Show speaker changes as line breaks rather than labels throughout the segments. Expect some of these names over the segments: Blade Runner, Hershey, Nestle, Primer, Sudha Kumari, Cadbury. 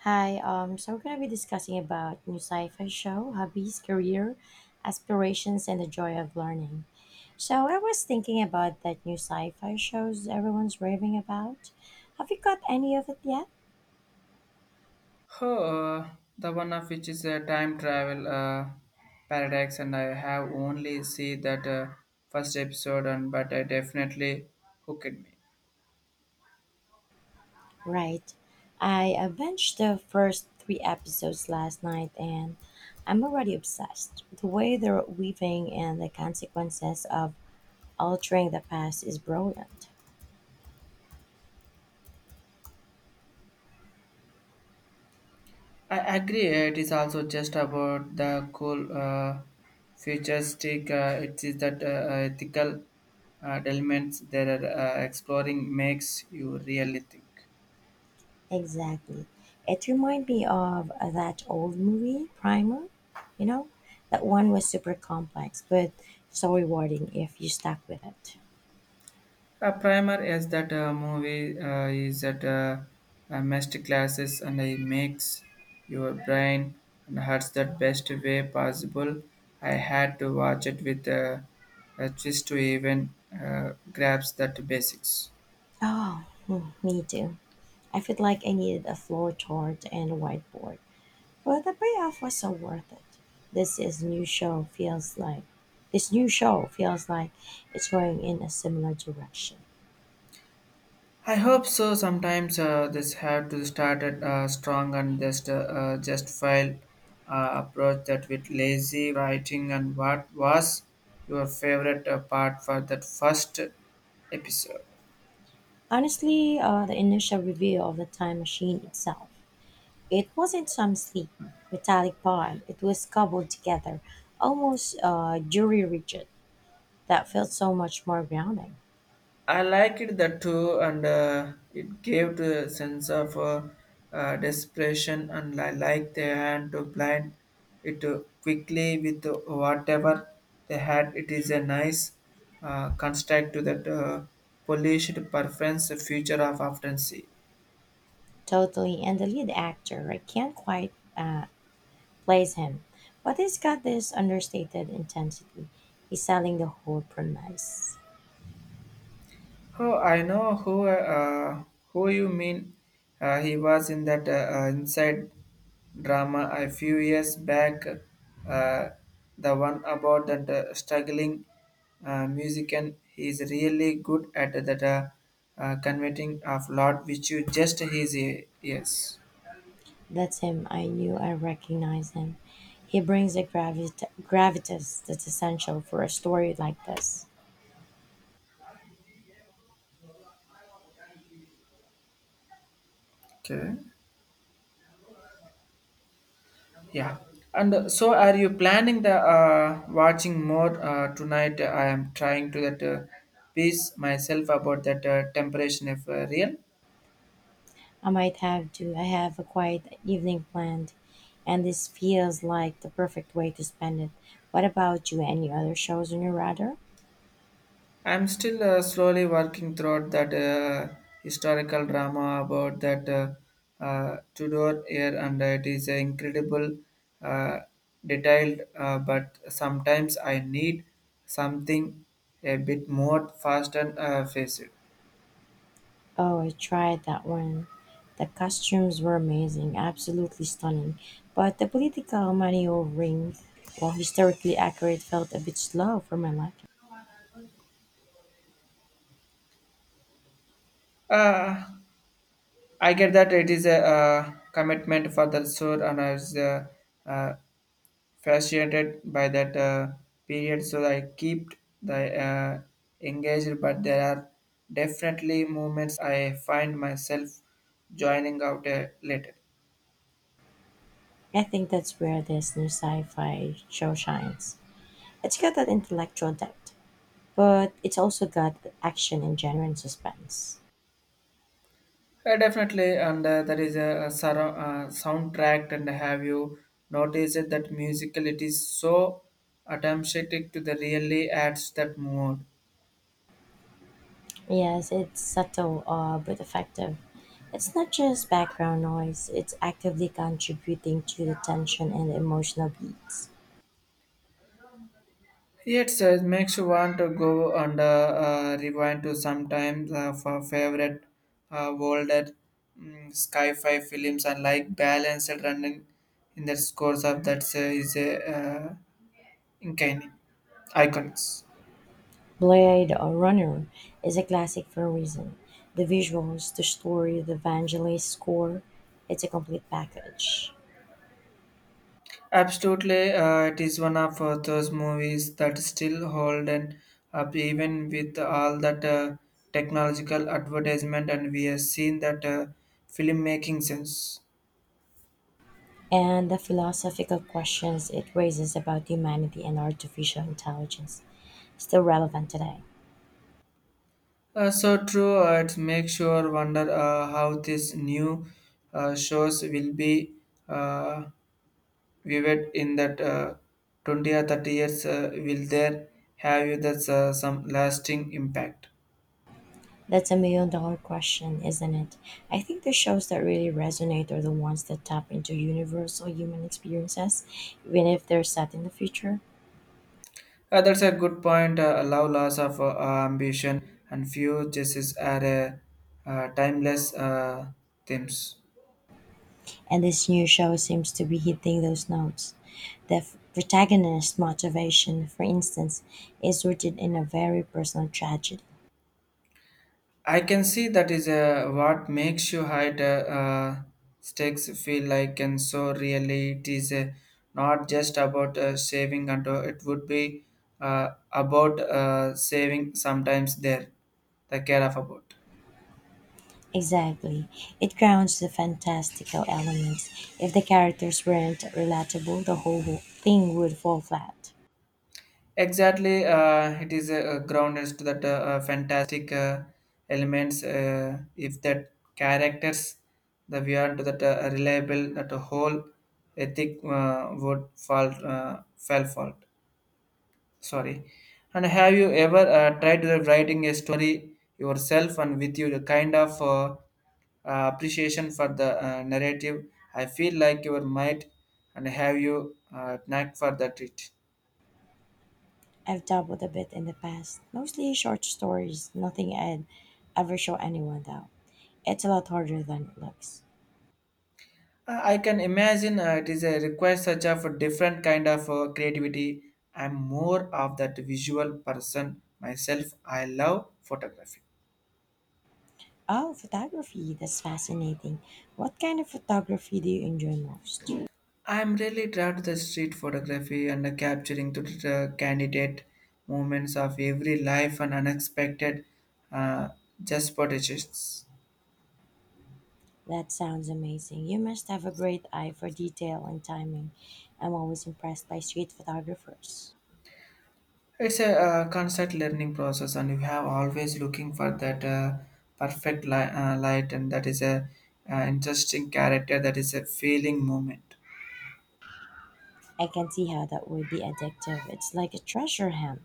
Hi, so we're going to be discussing about new sci-fi show, hobbies, career, aspirations, and the joy of learning. So I was thinking about that new sci-fi shows everyone's raving about. Have you got any of it yet?
Oh, uh, the one of which is a time travel paradox, and I have only see that first episode, and but I definitely hooked me.
Right. I binged the first three episodes last night and I'm already obsessed. The way they're weaving and the consequences of altering the past is brilliant.
I agree. It is also just about the cool futuristic. It is that ethical elements that are exploring makes you really think.
Exactly. It reminded me of that old movie, Primer, you know? That one was super complex, but so rewarding if you stuck with it.
A primer is that movie is that a master classes and it makes your brain and hurts that best way possible. I had to watch it with a twist to even grasp that basics.
Oh, hmm, me too. I feel like I needed a floor chart and a whiteboard, but the payoff was so worth it. This is new show feels like this new show feels like it's going in a similar direction.
I hope so. Sometimes this have to start at strong and just file approach that with lazy writing. And what was your favorite part for that first episode?
Honestly, the initial review of the time machine itself. It wasn't some sleek, metallic bond. It was cobbled together, almost jury rigid. That felt so much more grounding.
I like it that too, and it gave the sense of desperation, and I like the hand to blind it quickly with whatever they had. It is a nice construct to that polished preference future of often see.
Totally. And the lead actor, I can't quite place him, but he's got this understated intensity. He's selling the whole premise.
Oh, I know who you mean. He was in that inside drama a few years back. Uh, the one about that struggling musician. He is really good at that converting of lot which you just his ears.
That's him. I knew I recognized him. He brings a gravitas that's essential for a story like this.
Okay. Yeah, and so are you planning the watching more tonight? I am trying to that piece myself about that temptation if real.
I might have to. I have a quiet evening planned, and this feels like the perfect way to spend it. What about you? Any other shows on your radar?
I'm still slowly working throughout that historical drama about that Tudor year, and it is incredible, uh, detailed. But sometimes I need something a bit more fast and faced.
Oh, I tried that one. The costumes were amazing, absolutely stunning. But the political maneuvering, while historically accurate, felt a bit slow for my liking.
Uh, I get that it is a commitment for the soul, and I was uh, fascinated by that period. So I keep the engaged, but there are definitely moments I find myself joining out later.
I think that's where this new sci fi show shines. It's got that intellectual depth, but it's also got action and genuine suspense.
Definitely, and there is a soundtrack. And have you noticed that musical? It is so attempting to the really adds that mood.
Yes, it's subtle but effective. It's not just background noise, it's actively contributing to the tension and emotional beats.
Yes, it makes you want to go and rewind to sometimes for favorite older sci-fi films and like balanced running in the scores of that is a uh, uncanny iconics.
Blade Runner is a classic for a reason. The visuals, the story, the evangelist score, it's a complete package.
Absolutely, it is one of those movies that still hold and up even with all that technological advertisement and we have seen that filmmaking sense.
And the philosophical questions it raises about humanity and artificial intelligence, still relevant today.
So true. It makes sure wonder how these new shows will be uh, viewed in that 20 or 30 years. Will there have you that's some lasting impact?
That's a million dollar question, isn't it? I think the shows that really resonate are the ones that tap into universal human experiences, even if they're set in the future.
That's a good point. Allow loss of ambition and few justice are timeless themes.
And this new show seems to be hitting those notes. The protagonist's motivation, for instance, is rooted in a very personal tragedy.
I can see that is what makes you hide stakes feel like, and so really it is not just about saving, and it would be about saving sometimes there, the care of about.
Exactly. It grounds the fantastical elements. If the characters weren't relatable, the whole thing would fall flat.
Exactly, it is grounded to that fantastic elements. If that characters, the we are to that reliable, that whole ethic would fall. Sorry, and have you ever tried to writing a story yourself and with you the kind of appreciation for the narrative, I feel like your might and have you knack for that it.
I've dabbled a bit in the past, mostly short stories, nothing I'd ever show anyone though. It's a lot harder than it looks.
I can imagine it is a request such of a different kind of creativity. I'm more of that visual person myself. I love photography.
Oh, photography, that's fascinating. What kind of photography do you enjoy most?
I'm really drawn to the street photography and the capturing to the candidate moments of every life and unexpected uh, just potentials.
That sounds amazing. You must have a great eye for detail and timing. I'm always impressed by street photographers.
It's a constant learning process, and you have always looking for that perfect light, and that is a interesting character. That is a feeling moment.
I can see how that would be addictive. It's like a treasure hunt.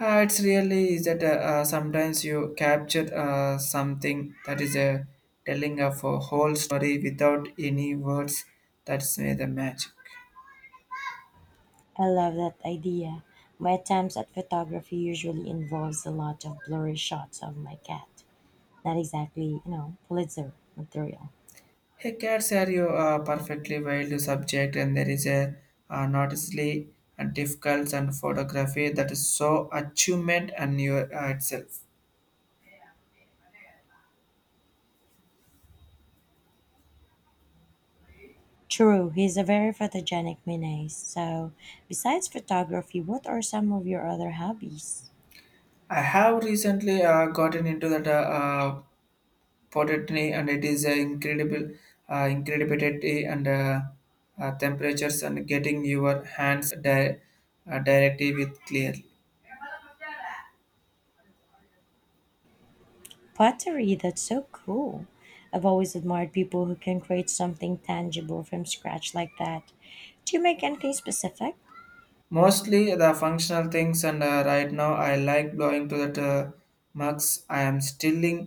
It's really is that sometimes you capture something that is a telling of a whole story without any words. That's where the magic.
I love that idea. My attempts at photography usually involves a lot of blurry shots of my cat, not exactly, you know, Pulitzer material.
Hey, cats are you perfectly wild subject, and there is a noticeably and difficult and photography that is so achievement and your itself.
True, he's a very photogenic Minet. So, besides photography, what are some of your other hobbies?
I have recently gotten into that. Pottery and it is incredible incredibility and temperatures and getting your hands directly with clearly
Pottery, that's so cool. I've always admired people who can create something tangible from scratch like that. Do you make anything specific?
mostly the functional things and right now I like blowing to that mugs. I am stilling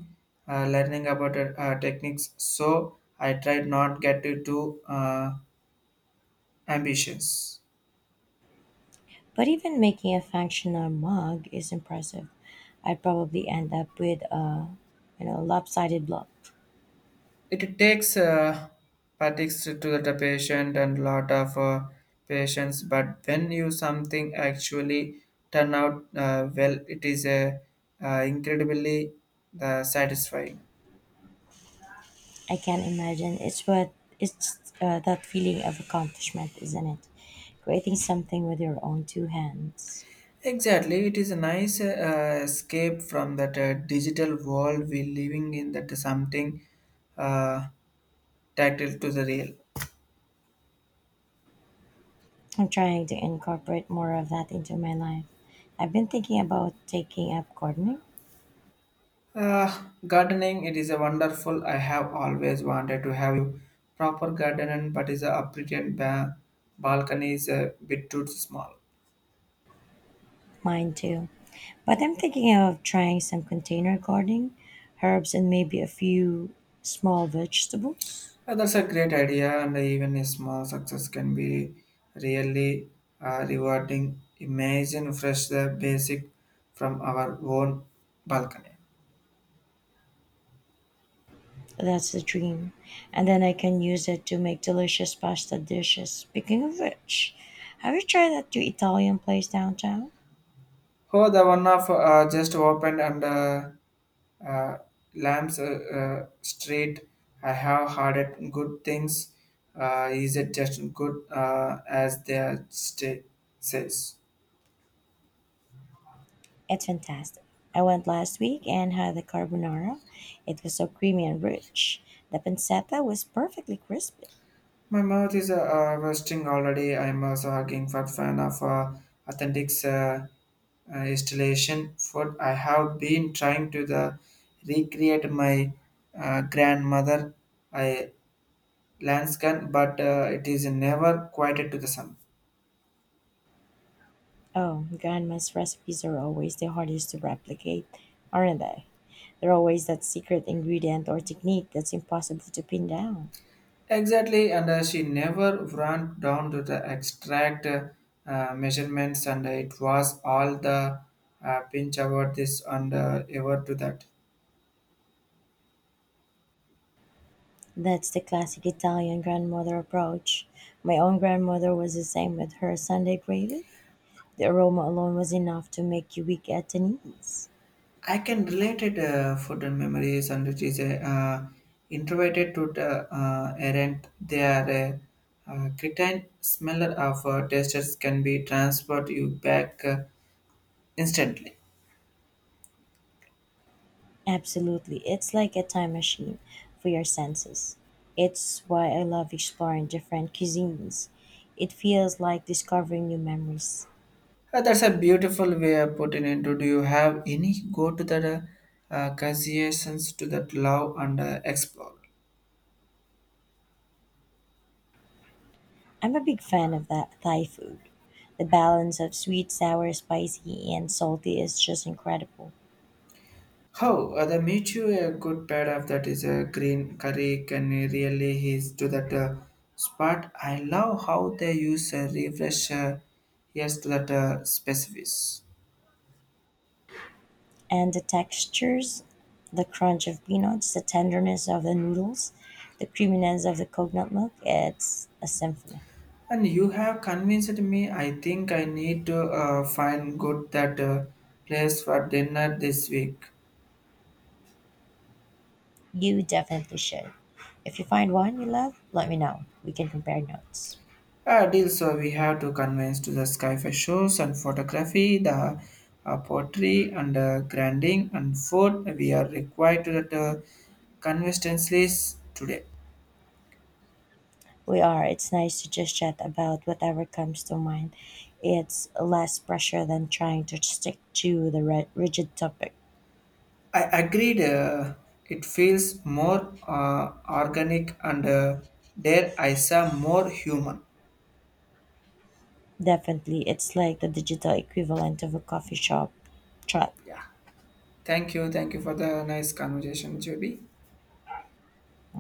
learning about techniques, so I tried not get it too uh, ambitious.
But even making a functional mug is impressive. I'd probably end up with a, you know, lopsided block.
It takes practice to the patient and lot of patience, but when you something actually turn out well, it is incredibly satisfying.
I can imagine. It's that feeling of accomplishment, isn't it? Creating something with your own two hands.
Exactly, it is a nice escape from that digital world we living in. That something uh, tactile to the real.
I'm trying to incorporate more of that into my life. I've been thinking about taking up gardening.
Gardening, it is a wonderful. I have always wanted to have you proper garden, but is a updated balcony is a bit too small.
Mine too. But I'm thinking of trying some container gardening, herbs, and maybe a few small vegetables.
That's a great idea, and even a small success can be really rewarding. Imagine fresh the basic from our own balcony.
That's the dream. And then I can use it to make delicious pasta dishes. Speaking of which, have you tried that new Italian place downtown?
Oh, the one of just opened and. Uh, Lamps straight. I have heard it good things. Is it just good as their state says?
It's fantastic. I went last week and had the carbonara. It was so creamy and rich. The pancetta was perfectly crispy.
My mouth is roasting already. I'm also hugging for fan of authentic installation food. I have been trying to the recreate my grandmother I landscan, but it is never quite to the sun.
Oh, grandma's recipes are always the hardest to replicate, aren't they? They're always that secret ingredient or technique that's impossible to pin down.
Exactly, and she never ran down to the extract measurements, and it was all the pinch about this and ever to that.
That's the classic Italian grandmother approach. My own grandmother was the same with her Sunday gravy. The aroma alone was enough to make you weak at the knees.
I can relate it food and memories, and it is a introverted to the errant. They are a cretin smeller of testers can be transferred you back instantly.
Absolutely. It's like a time machine for your senses. It's why I love exploring different cuisines. It feels like discovering new memories.
That's a beautiful way of putting into. Do you have any go to the considerations to that love and explore?
I'm a big fan of that Thai food. The balance of sweet, sour, spicy, and salty is just incredible.
How the meet you a good pair of that is a green curry can really his to that spot. I love how they use a refresh yes to that specifics.
And the textures, the crunch of peanuts, the tenderness of the noodles, the creaminess of the coconut milk, it's a symphony.
And you have convinced me. I think I need to find good that place for dinner this week.
You definitely should. If you find one you love, let me know. We can compare notes.
Deal, so we have to convince to the sky for shows and photography, the pottery and grinding and food. We are required to that consistencies today.
We are. It's nice to just chat about whatever comes to mind. It's less pressure than trying to stick to the rigid topic.
I agreed. It feels more organic and there I saw more human.
Definitely, it's like the digital equivalent of a coffee shop chat.
Yeah. Thank you. Thank you for the nice conversation, Joby.